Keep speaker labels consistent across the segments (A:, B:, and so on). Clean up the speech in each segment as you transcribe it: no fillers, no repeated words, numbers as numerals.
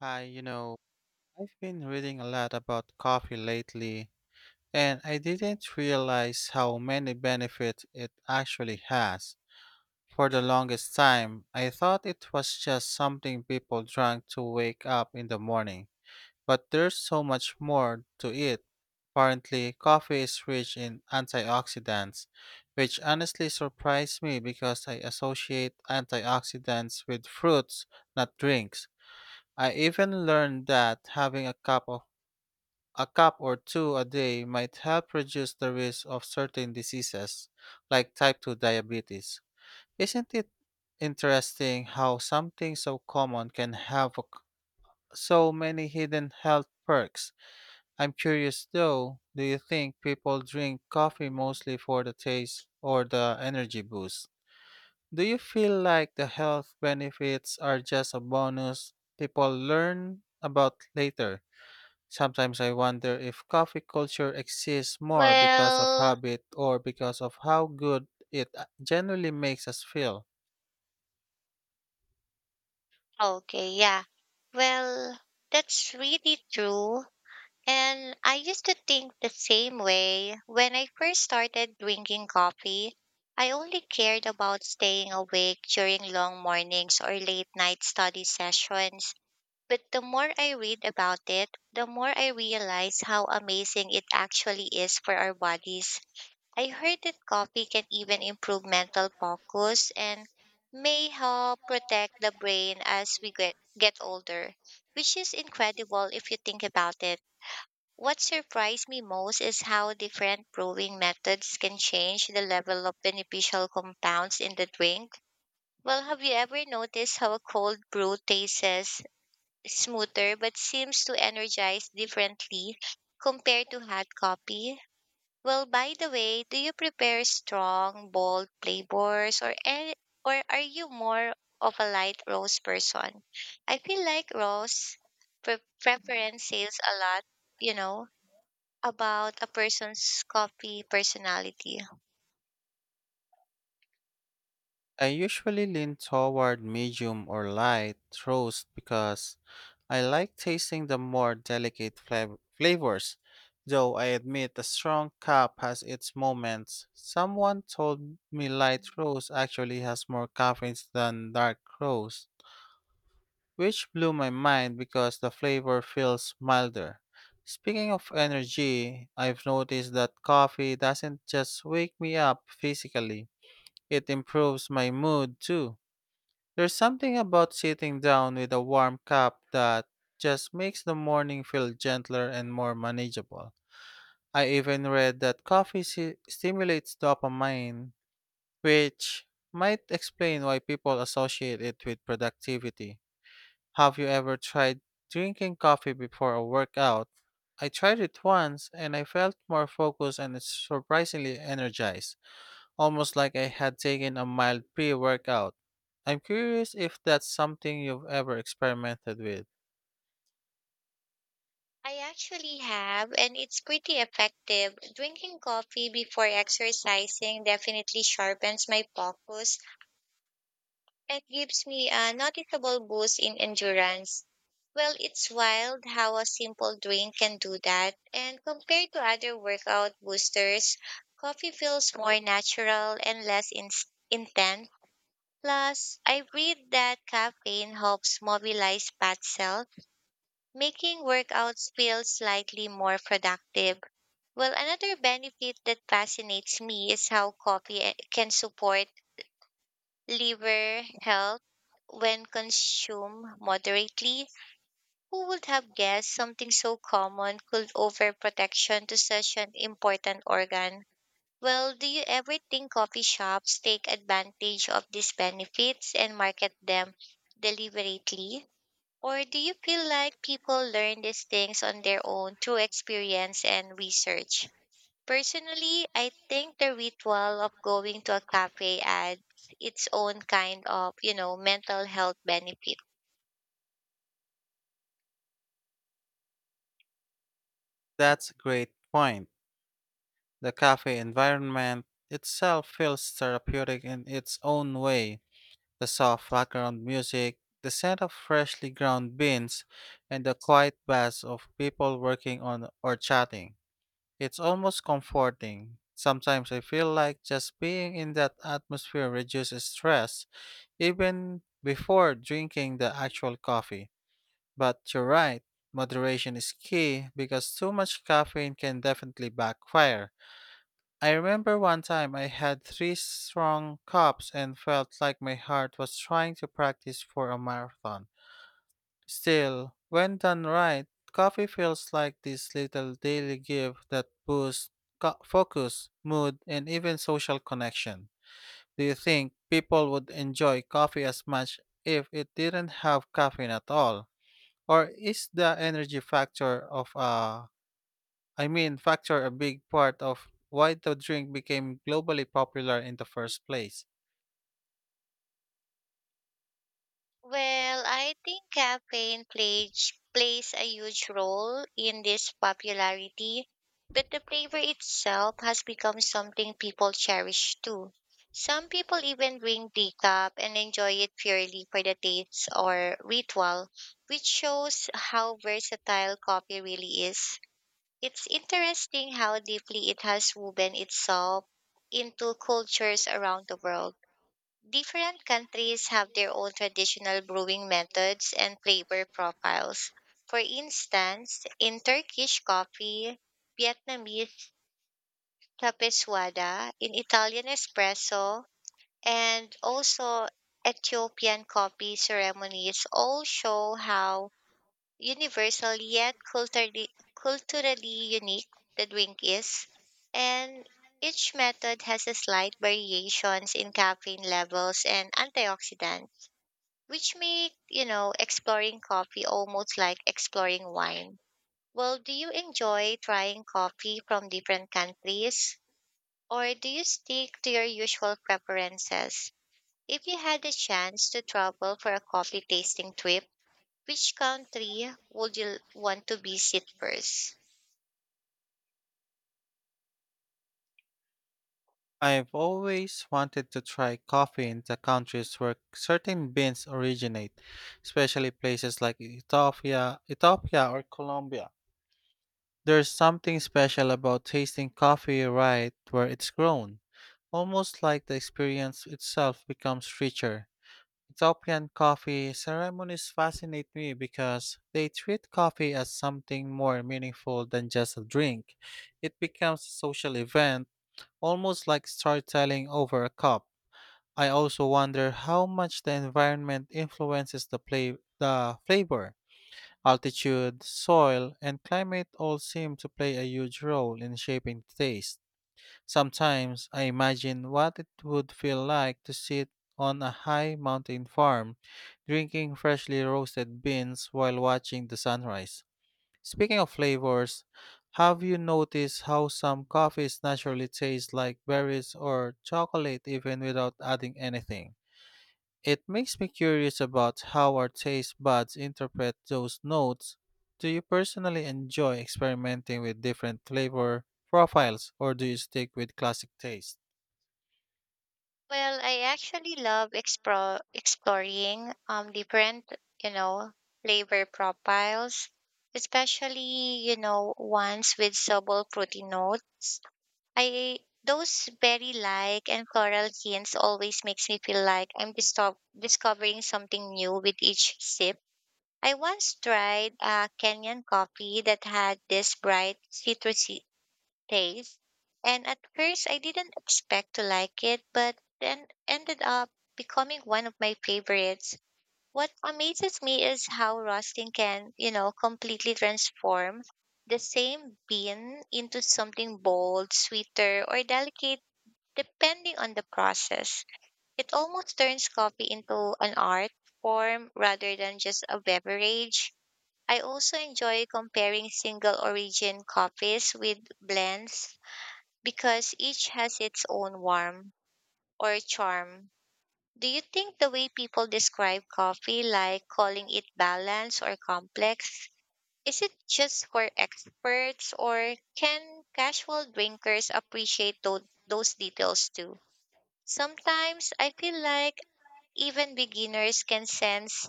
A: Hi, I've been reading a lot about coffee lately, and I didn't realize how many benefits it actually has. For the longest time, I thought it was just something people drank to wake up in the morning, but there's so much more to it. Apparently, coffee is rich in antioxidants, which honestly surprised me because I associate antioxidants with fruits, not drinks. I even learned that having a cup or two a day might help reduce the risk of certain diseases like type 2 diabetes. Isn't it interesting how something so common can have so many hidden health perks? I'm curious though, do you think people drink coffee mostly for the taste or the energy boost? Do you feel like the health benefits are just a bonus people learn about later? Sometimes I wonder if coffee culture exists more because of
B: Well,
A: habit or because of how good it generally makes us feel.
B: okay, yeah. Well, that's really true. And I used to think the same way. When I first started drinking coffee, I only cared about staying awake during long mornings or late night study sessions. But the more I read about it, the more I realize how amazing it actually is for our bodies. I heard that coffee can even improve mental focus and may help protect the brain as we get older, which is incredible if you think about it. What surprised me most is how different brewing methods can change the level of beneficial compounds in the drink. Well, have you ever noticed how a cold brew tastes smoother but seems to energize differently compared to hot coffee? Well, by the way, do you prepare strong, bold flavors or are you more of a light roast person? I feel like roast preference says a lot, you know, about a person's coffee personality.
A: I usually lean toward medium or light roast because I like tasting the more delicate flavors. Though I admit a strong cup has its moments. Someone told me light roast actually has more caffeine than dark roast, which blew my mind because the flavor feels milder. Speaking of energy, I've noticed that coffee doesn't just wake me up physically, it improves my mood too. There's something about sitting down with a warm cup that just makes the morning feel gentler and more manageable. I even read that coffee stimulates dopamine, which might explain why people associate it with productivity. Have you ever tried drinking coffee before a workout? I tried it once and I felt more focused and surprisingly energized, almost like I had taken a mild pre workout. I'm curious if that's something you've ever experimented with.
B: I actually have, and it's pretty effective. Drinking coffee before exercising definitely sharpens my focus. It gives me a noticeable boost in endurance. Well, it's wild how a simple drink can do that. And compared to other workout boosters, coffee feels more natural and less intense. Plus, I read that caffeine helps mobilize fat cells, making workouts feel slightly more productive. Well, another benefit that fascinates me is how coffee can support liver health when consumed moderately. Who would have guessed something so common could overprotection to such an important organ? Well, do you ever think coffee shops take advantage of these benefits and market them deliberately? Or do you feel like people learn these things on their own through experience and research? Personally, I think the ritual of going to a cafe adds its own kind of, you know, mental health benefit.
A: That's a great point. The cafe environment itself feels therapeutic in its own way. The soft background music, the scent of freshly ground beans, and the quiet buzz of people working on or chatting. It's almost comforting. Sometimes I feel like just being in that atmosphere reduces stress, even before drinking the actual coffee. But you're right, moderation is key because too much caffeine can definitely backfire. I remember one time I had three strong cups and felt like my heart was trying to practice for a marathon. Still, when done right, coffee feels like this little daily gift that boosts focus, mood, and even social connection. Do you think people would enjoy coffee as much if it didn't have caffeine at all? Or is the energy factor of a I mean, facts are a big part of why the drink became globally popular in the first place.
B: Well, I think caffeine plays a huge role in this popularity, but the flavor itself has become something people cherish too. Some people even drink decaf and enjoy it purely for the taste or ritual, which shows how versatile coffee really is. It's interesting how deeply it has woven itself into cultures around the world. Different countries have their own traditional brewing methods and flavor profiles. For instance, in Turkish coffee, Vietnamese tapeswada, in Italian espresso, and also Ethiopian coffee ceremonies all show how universal yet culturally, culturally unique the drink is, and each method has a slight variations in caffeine levels and antioxidant, which make you know exploring coffee almost like exploring wine. Well, do you enjoy trying coffee from different countries, or do you stick to your usual preferences? If you had the chance to travel for a coffee tasting trip, which country would you want to visit first?
A: I've always wanted to try coffee in the countries where certain beans originate, especially places like Ethiopia or Colombia. There's something special about tasting coffee right where it's grown, almost like the experience itself becomes richer. Ethiopian coffee ceremonies fascinate me because they treat coffee as something more meaningful than just a drink. It becomes a social event, almost like storytelling over a cup. I also wonder how much the environment influences the flavor. Altitude, soil, and climate all seem to play a huge role in shaping taste. Sometimes I imagine what it would feel like to sit on a high mountain farm, drinking freshly roasted beans while watching the sunrise. Speaking of flavors, have you noticed how some coffees naturally taste like berries or chocolate even without adding anything? It makes me curious about how our taste buds interpret those notes. Do you personally enjoy experimenting with different flavor profiles or do you stick with classic taste?
B: Well, I actually love exploring different, you know, flavor profiles, especially, you know, ones with subtle fruity notes. I those berry like and floral hints always makes me feel like I'm discovering something new with each sip. I once tried a Kenyan coffee that had this bright citrusy taste. And at first, I didn't expect to like it, but then ended up becoming one of my favorites. What amazes me is how roasting can, you know, completely transform the same bean into something bold, sweeter, or delicate depending on the process. It almost turns coffee into an art form rather than just a beverage. I also enjoy comparing single origin coffees with blends because each has its own warmth or charm. Do you think the way people describe coffee, like calling it balanced or complex, is it just for experts or can casual drinkers appreciate those details too? Sometimes I feel like even beginners can sense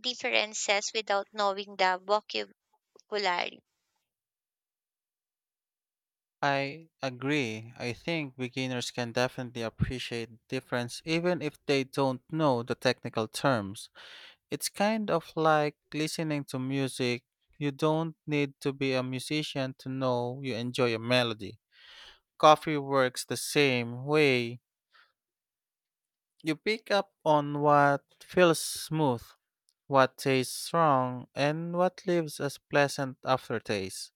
B: differences without knowing the vocabulary.
A: I agree. I think beginners can definitely appreciate difference even if they don't know the technical terms. It's kind of like listening to music. You don't need to be a musician to know you enjoy a melody. Coffee works the same way. You pick up on what feels smooth, what tastes strong, and what leaves a pleasant aftertaste.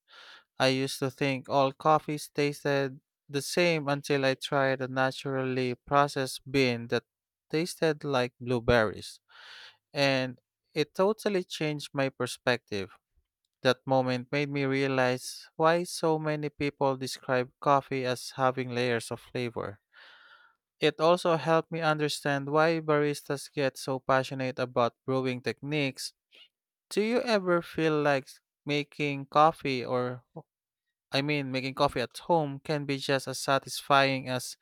A: I used to think all coffees tasted the same until I tried a naturally processed bean that tasted like blueberries, and it totally changed my perspective. That moment made me realize why so many people describe coffee as having layers of flavor. It also helped me understand why baristas get so passionate about brewing techniques. Do you ever feel like making coffee or I mean making coffee at home can be just as satisfying as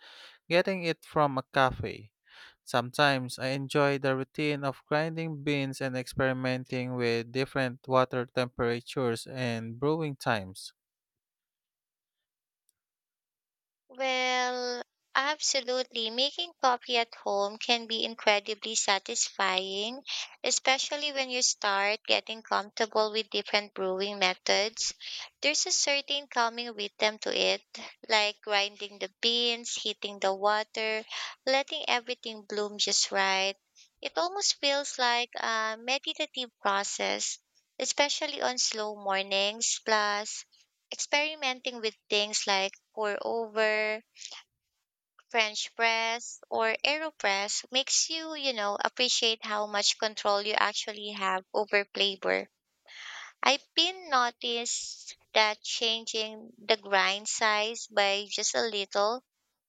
A: getting it from a cafe? Sometimes I enjoy the routine of grinding beans and experimenting with different water temperatures and brewing times.
B: Well, absolutely. Making coffee at home can be incredibly satisfying, especially when you start getting comfortable with different brewing methods. There's a certain calming rhythm to it, like grinding the beans, heating the water, letting everything bloom just right. It almost feels like a meditative process, especially on slow mornings, plus experimenting with things like pour over, French press, or AeroPress makes you, you know, appreciate how much control you actually have over flavor. I've been noticed that changing the grind size by just a little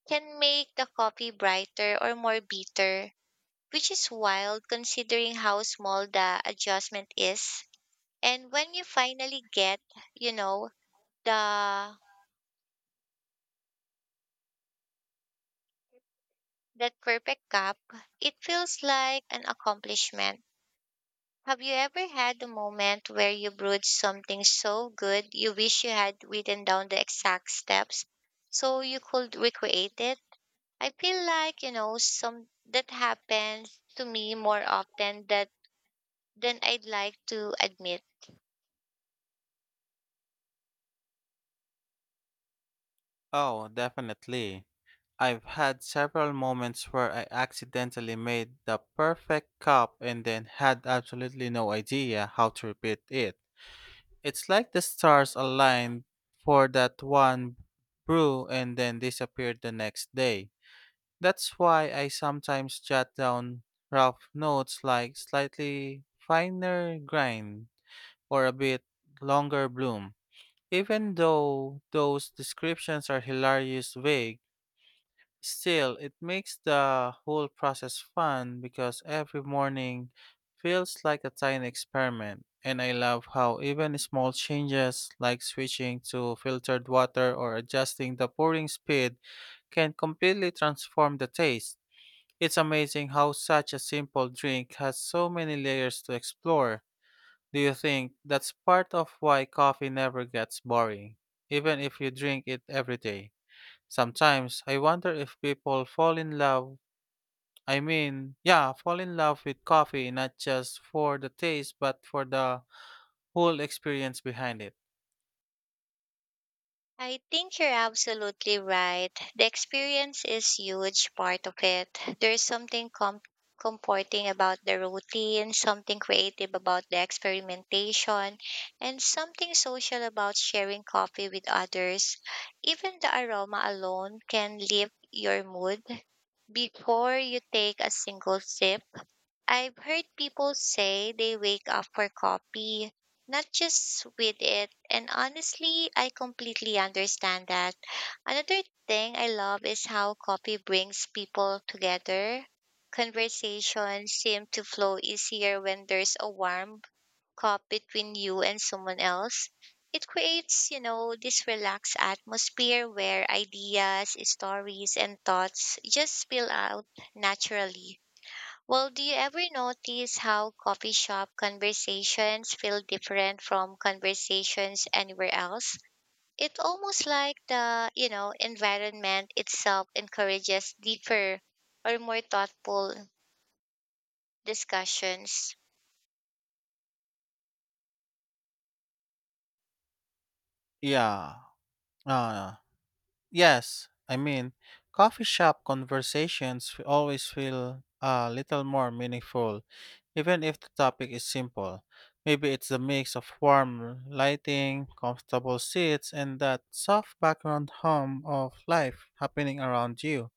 B: can make the coffee brighter or more bitter, which is wild considering how small the adjustment is. And when you finally get, you know, the that perfect cup, it feels like an accomplishment. Have you ever had a moment where you brewed something so good you wish you had written down the exact steps so you could recreate it? I feel like, you know, some that happens to me more often that than I'd like to admit.
A: Oh, definitely. I've had several moments where I accidentally made the perfect cup and then had absolutely no idea how to repeat it. It's like the stars aligned for that one brew and then disappeared the next day. That's why I sometimes jot down rough notes like slightly finer grind or a bit longer bloom. Even though those descriptions are hilarious vague, still, it makes the whole process fun because every morning feels like a tiny experiment, and I love how even small changes like switching to filtered water or adjusting the pouring speed can completely transform the taste. It's amazing how such a simple drink has so many layers to explore. Do you think that's part of why coffee never gets boring, even if you drink it every day? Sometimes I wonder if people I mean, yeah, fall in love with coffee not just for the taste but for the whole experience behind it.
B: I think you're absolutely right. The experience is huge part of it. There's something comforting about the routine, something creative about the experimentation, and something social about sharing coffee with others. Even the aroma alone can lift your mood before you take a single sip. I've heard people say they wake up for coffee, not just with it. And honestly, I completely understand that. Another thing I love is how coffee brings people together. Conversations seem to flow easier when there's a warm cup between you and someone else. It creates, you know, this relaxed atmosphere where ideas, stories, and thoughts just spill out naturally. Well, do you ever notice how coffee shop conversations feel different from conversations anywhere else? It's almost like the, you know, environment itself encourages deeper or more thoughtful discussions.
A: Yeah. Uh, yes, I mean, coffee shop conversations always feel a little more meaningful, even if the topic is simple. Maybe it's the mix of warm lighting, comfortable seats, and that soft background hum of life happening around you.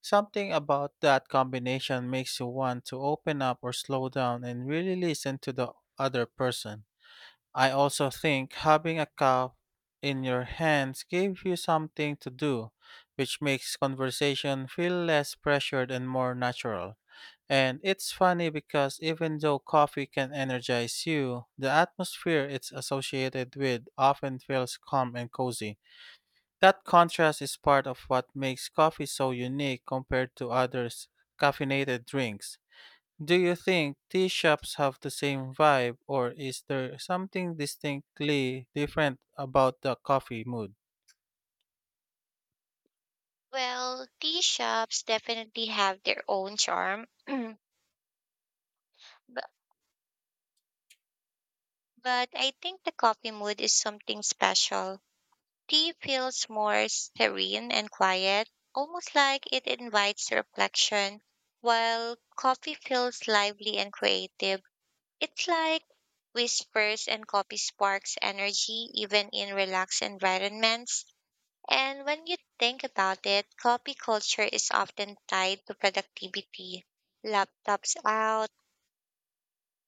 A: Something about that combination makes you want to open up or slow down and really listen to the other person. I also think having a cup in your hands gives you something to do, which makes conversation feel less pressured and more natural. And it's funny because even though coffee can energize you, the atmosphere it's associated with often feels calm and cozy. That contrast is part of what makes coffee so unique compared to other caffeinated drinks. Do you think tea shops have the same vibe, or is there something distinctly different about the coffee mood?
B: Well, tea shops definitely have their own charm, but I think the coffee mood is something special. Tea feels more serene and quiet, almost like it invites reflection, while coffee feels lively and creative. It's like whispers and coffee sparks energy even in relaxed environments. And when you think about it, coffee culture is often tied to productivity. Laptops out,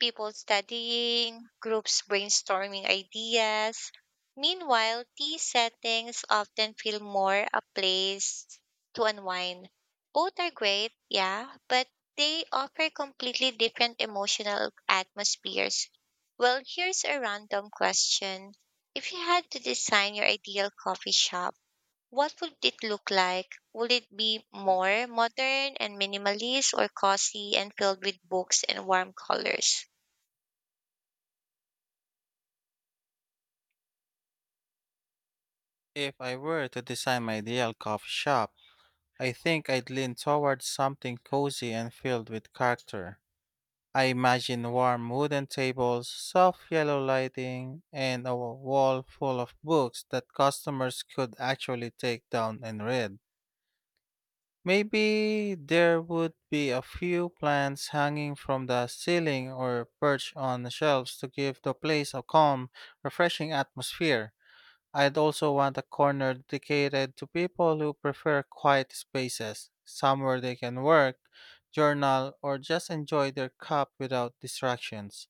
B: people studying, groups brainstorming ideas. Meanwhile, tea settings often feel more a place to unwind. Both are great, yeah, but they offer completely different emotional atmospheres. Well, here's a random question. If you had to design your ideal coffee shop, what would it look like? Would it be more modern and minimalist or cozy and filled with books and warm colors?
A: If I were to design my ideal coffee shop, I think I'd lean towards something cozy and filled with character. I imagine warm wooden tables, soft yellow lighting, and a wall full of books that customers could actually take down and read. Maybe there would be a few plants hanging from the ceiling or perched on the shelves to give the place a calm, refreshing atmosphere. I'd also want a corner dedicated to people who prefer quiet spaces, somewhere they can work, journal, or just enjoy their cup without distractions.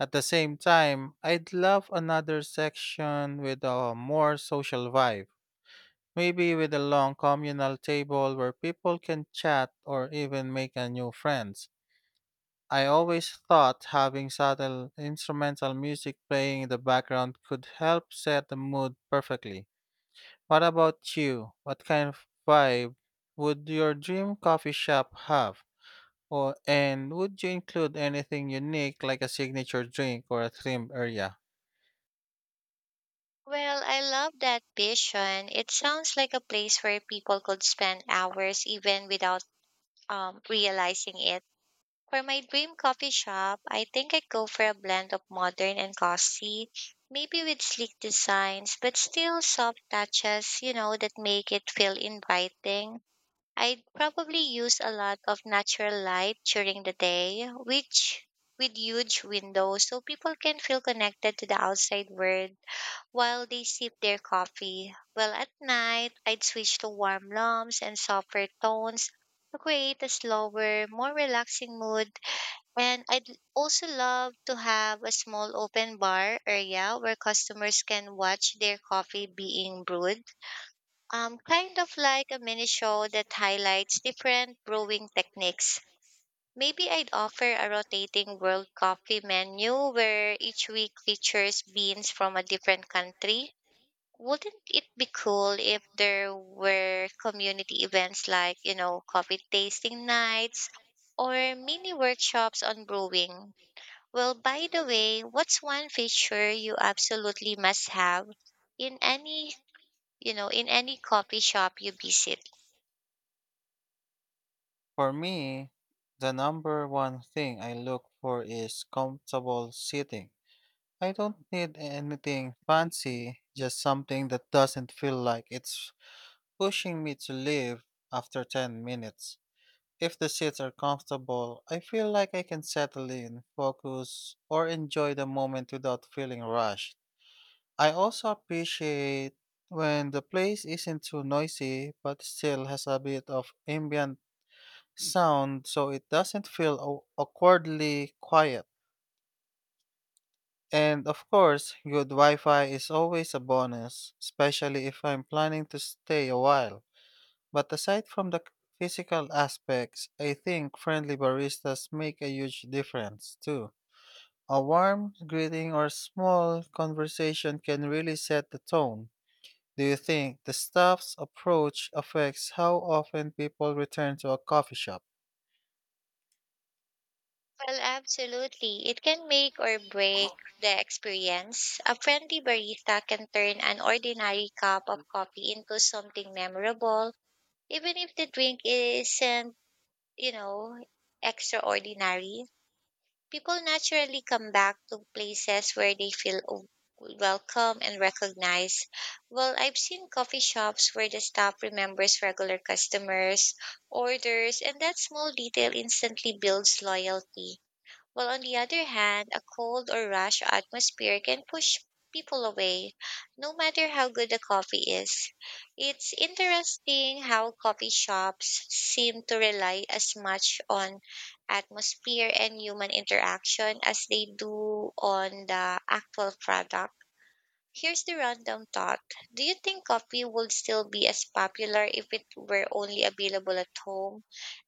A: At the same time, I'd love another section with a more social vibe, maybe with a long communal table where people can chat or even make a new friends. I always thought having subtle instrumental music playing in the background could help set the mood perfectly. What about you? What kind of vibe would your dream coffee shop have? Or and would you include anything unique like a signature drink or a theme area?
B: Well, I love that vision. It sounds like a place where people could spend hours even without realizing it. For my dream coffee shop, I think I'd go for a blend of modern and classy, maybe with sleek designs, but still soft touches, you know, that make it feel inviting. I'd probably use a lot of natural light during the day, which with huge windows so people can feel connected to the outside world while they sip their coffee. Well, at night, I'd switch to warm lumps and softer tones to create a slower, more relaxing mood. And I'd also love to have a small open bar area where customers can watch their coffee being brewed. Kind of like a mini show that highlights different brewing techniques. Maybe I'd offer a rotating world coffee menu where each week features beans from a different country. Wouldn't it be cool if there were community events like, you know, coffee tasting nights or mini workshops on brewing? Well, by the way, what's one feature you absolutely must have in any, you know, in any coffee shop you visit?
A: For me, the number one thing I look for is comfortable seating. I don't need anything fancy, just something that doesn't feel like it's pushing me to leave after 10 minutes. If the seats are comfortable, I feel like I can settle in, focus, or enjoy the moment without feeling rushed. I also appreciate when the place isn't too noisy but still has a bit of ambient sound so it doesn't feel awkwardly quiet. And of course, good Wi Fi is always a bonus, especially if I'm planning to stay a while. But aside from the physical aspects, I think friendly baristas make a huge difference too. A warm greeting or small conversation can really set the tone. Do you think the staff's approach affects how often people return to a coffee shop?
B: Well, absolutely. It can make or break the experience. A friendly barista can turn an ordinary cup of coffee into something memorable, even if the drink isn't, you know, extraordinary. People naturally come back to places where they feel welcome and recognized. Well, I've seen coffee shops where the staff remembers regular customers, orders, and that small detail instantly builds loyalty. While on the other hand, a cold or rash atmosphere can push people away, no matter how good the coffee is. It's interesting how coffee shops seem to rely as much on atmosphere and human interaction as they do on the actual product. Here's the random thought. Do you think coffee would still be as popular if it were only available at home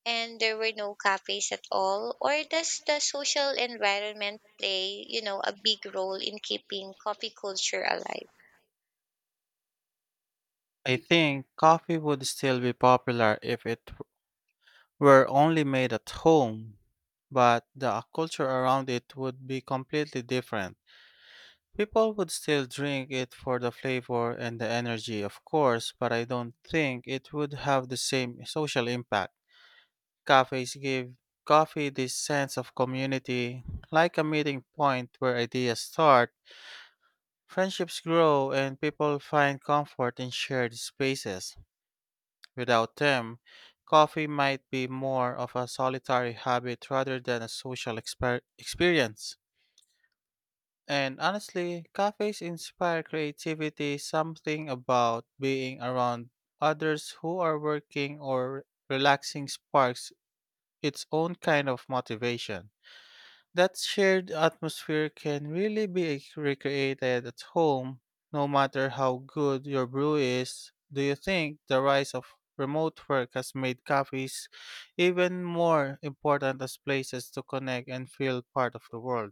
B: and there were no cafes at all? Or does the social environment play, you know, a big role in keeping coffee culture alive?
A: I think coffee would still be popular if it were only made at home, but the culture around it would be completely different. People would still drink it for the flavor and the energy, of course, but I don't think it would have the same social impact. Cafes give coffee this sense of community, like a meeting point where ideas start, friendships grow, and people find comfort in shared spaces. Without them, coffee might be more of a solitary habit rather than a social experience. And honestly, cafes inspire creativity, something about being around others who are working or relaxing sparks its own kind of motivation. That shared atmosphere can really be recreated at home, no matter how good your brew is. Do you think the rise of remote work has made cafes even more important as places to connect and feel part of the world?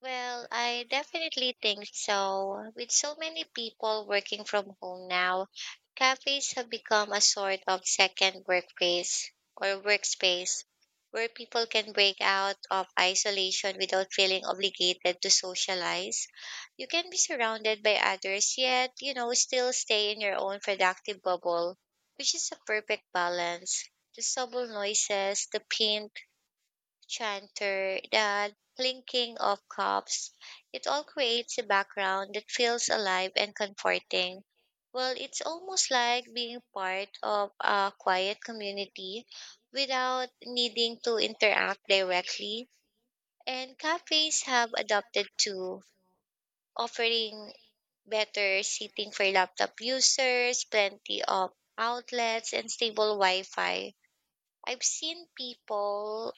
B: Well, I definitely think so. With so many people working from home now, cafes have become a sort of second workplace or workspace where people can break out of isolation without feeling obligated to socialize. You can be surrounded by others, yet, you know, still stay in your own productive bubble, which is a perfect balance. The subtle noises, the paint, chanter, the clinking of cups. It all creates a background that feels alive and comforting. Well, it's almost like being part of a quiet community without needing to interact directly. And cafes have adopted to offering better seating for laptop users, plenty of outlets, and stable Wi Fi. I've seen people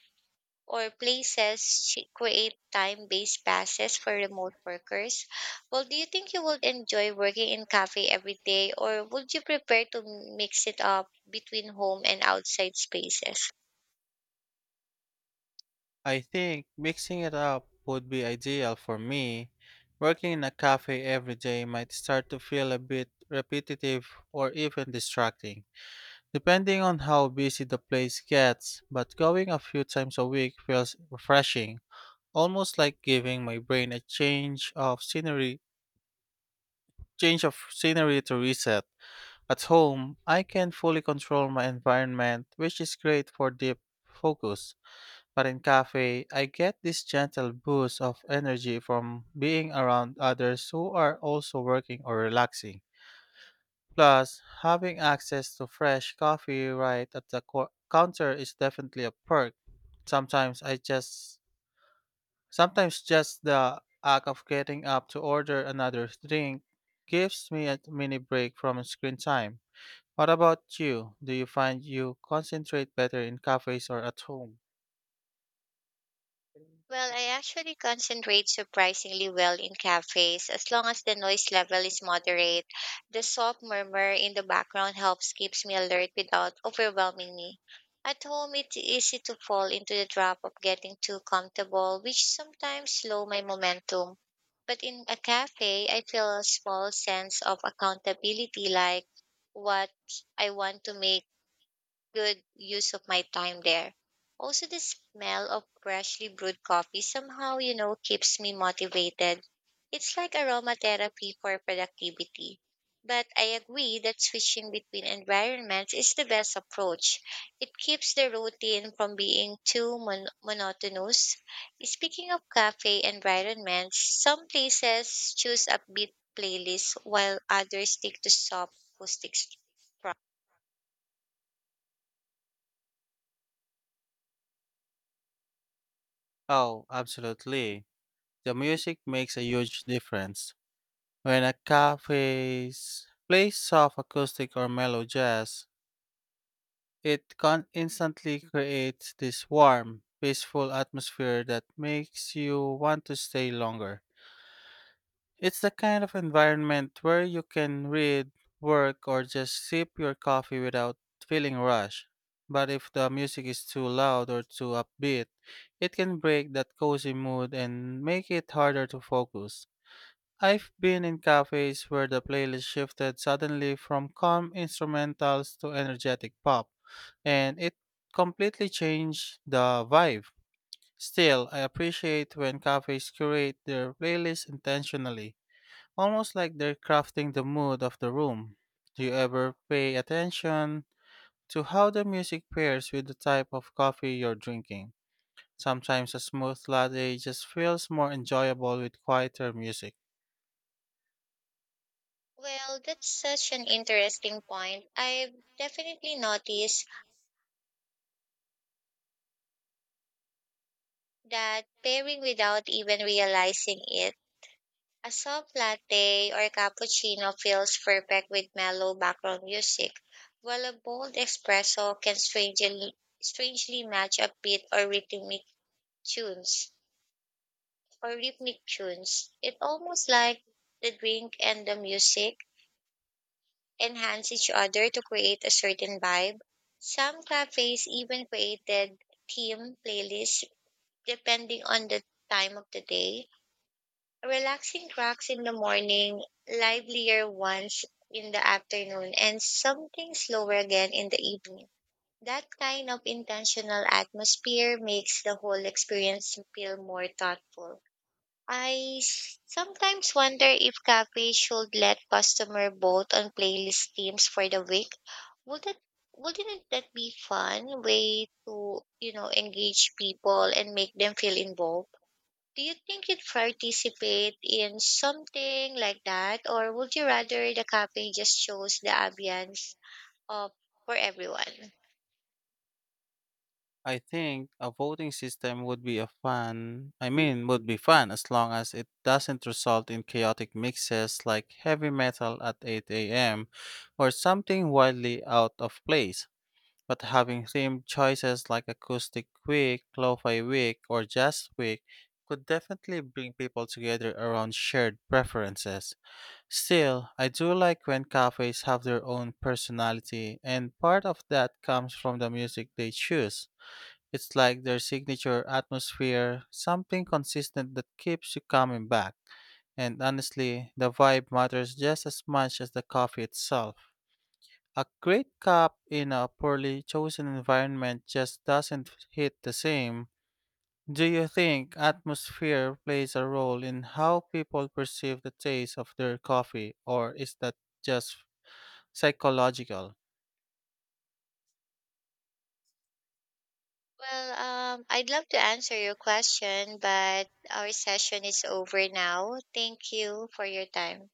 B: or places create time-based passes for remote workers. Well, do you think you would enjoy working in cafe every day, or would you prefer to mix it up between home and outside spaces?
A: I think mixing it up would be ideal for me. Working in a cafe every day might start to feel a bit repetitive or even distracting, depending on how busy the place gets, but going a few times a week feels refreshing, almost like giving my brain a change of scenery to reset. At home, I can fully control my environment, which is great for deep focus. But in cafe, I get this gentle boost of energy from being around others who are also working or relaxing. Plus, having access to fresh coffee right at the counter is definitely a perk. Sometimes I just Sometimes just the act of getting up to order another drink gives me a mini break from screen time. What about you? Do you find you concentrate better in cafes or at home?
B: Well, I actually concentrate surprisingly well in cafes as long as the noise level is moderate. The soft murmur in the background helps keeps me alert without overwhelming me. At home, it's easy to fall into the trap of getting too comfortable, which sometimes slow my momentum. But in a cafe, I feel a small sense of accountability, like what I want to make good use of my time there. Also, the smell of freshly brewed coffee somehow, you know, keeps me motivated. It's like aromatherapy for productivity. But I agree that switching between environments is the best approach. It keeps the routine from being too monotonous. Speaking of cafe environments, some places choose upbeat playlists while others stick to soft acoustic.
A: Oh, absolutely. The music makes a huge difference. When a cafe plays soft acoustic or mellow jazz, it instantly creates this warm, peaceful atmosphere that makes you want to stay longer. It's the kind of environment where you can read, work, or just sip your coffee without feeling rushed. But if the music is too loud or too upbeat, it can break that cozy mood and make it harder to focus. I've been in cafes where the playlist shifted suddenly from calm instrumentals to energetic pop, and it completely changed the vibe. Still, I appreciate when cafes curate their playlist intentionally, almost like they're crafting the mood of the room. Do you ever pay attention to how the music pairs with the type of coffee you're drinking? Sometimes a smooth latte just feels more enjoyable with quieter music.
B: Well, that's such an interesting point. I've definitely noticed that pairing without even realizing it, a soft latte or cappuccino feels perfect with mellow background music, while a bold espresso can strangely match upbeat or rhythmic tunes or rhythmic tunes. It almost like the drink and the music enhance each other to create a certain vibe. Some cafes even created theme playlists depending on the time of the day. Relaxing tracks in the morning, livelier ones in the afternoon, and something slower again in the evening. That kind of intentional atmosphere makes the whole experience feel more thoughtful. I sometimes wonder if cafes should let customer vote on playlist themes for the week. Would that wouldn't that be fun way to you know engage people and make them feel involved? Do you think you'd participate in something like that, or would you rather the cafe just shows the ambience of for everyone?
A: I think a voting system would be a fun, I mean, would be fun as long as it doesn't result in chaotic mixes like heavy metal at 8 a.m. or something wildly out of place. But having themed choices like Acoustic Week, Lo-Fi Week, or Jazz Week could definitely bring people together around shared preferences. Still, I do like when cafes have their own personality, and part of that comes from the music they choose. It's like their signature atmosphere, something consistent that keeps you coming back. And honestly, the vibe matters just as much as the coffee itself. A great cup in a poorly chosen environment just doesn't hit the same. Do you think atmosphere plays a role in how people perceive the taste of their coffee, or is that just psychological?
B: Well, I'd love to answer your question, but our session is over now. Thank you for your time.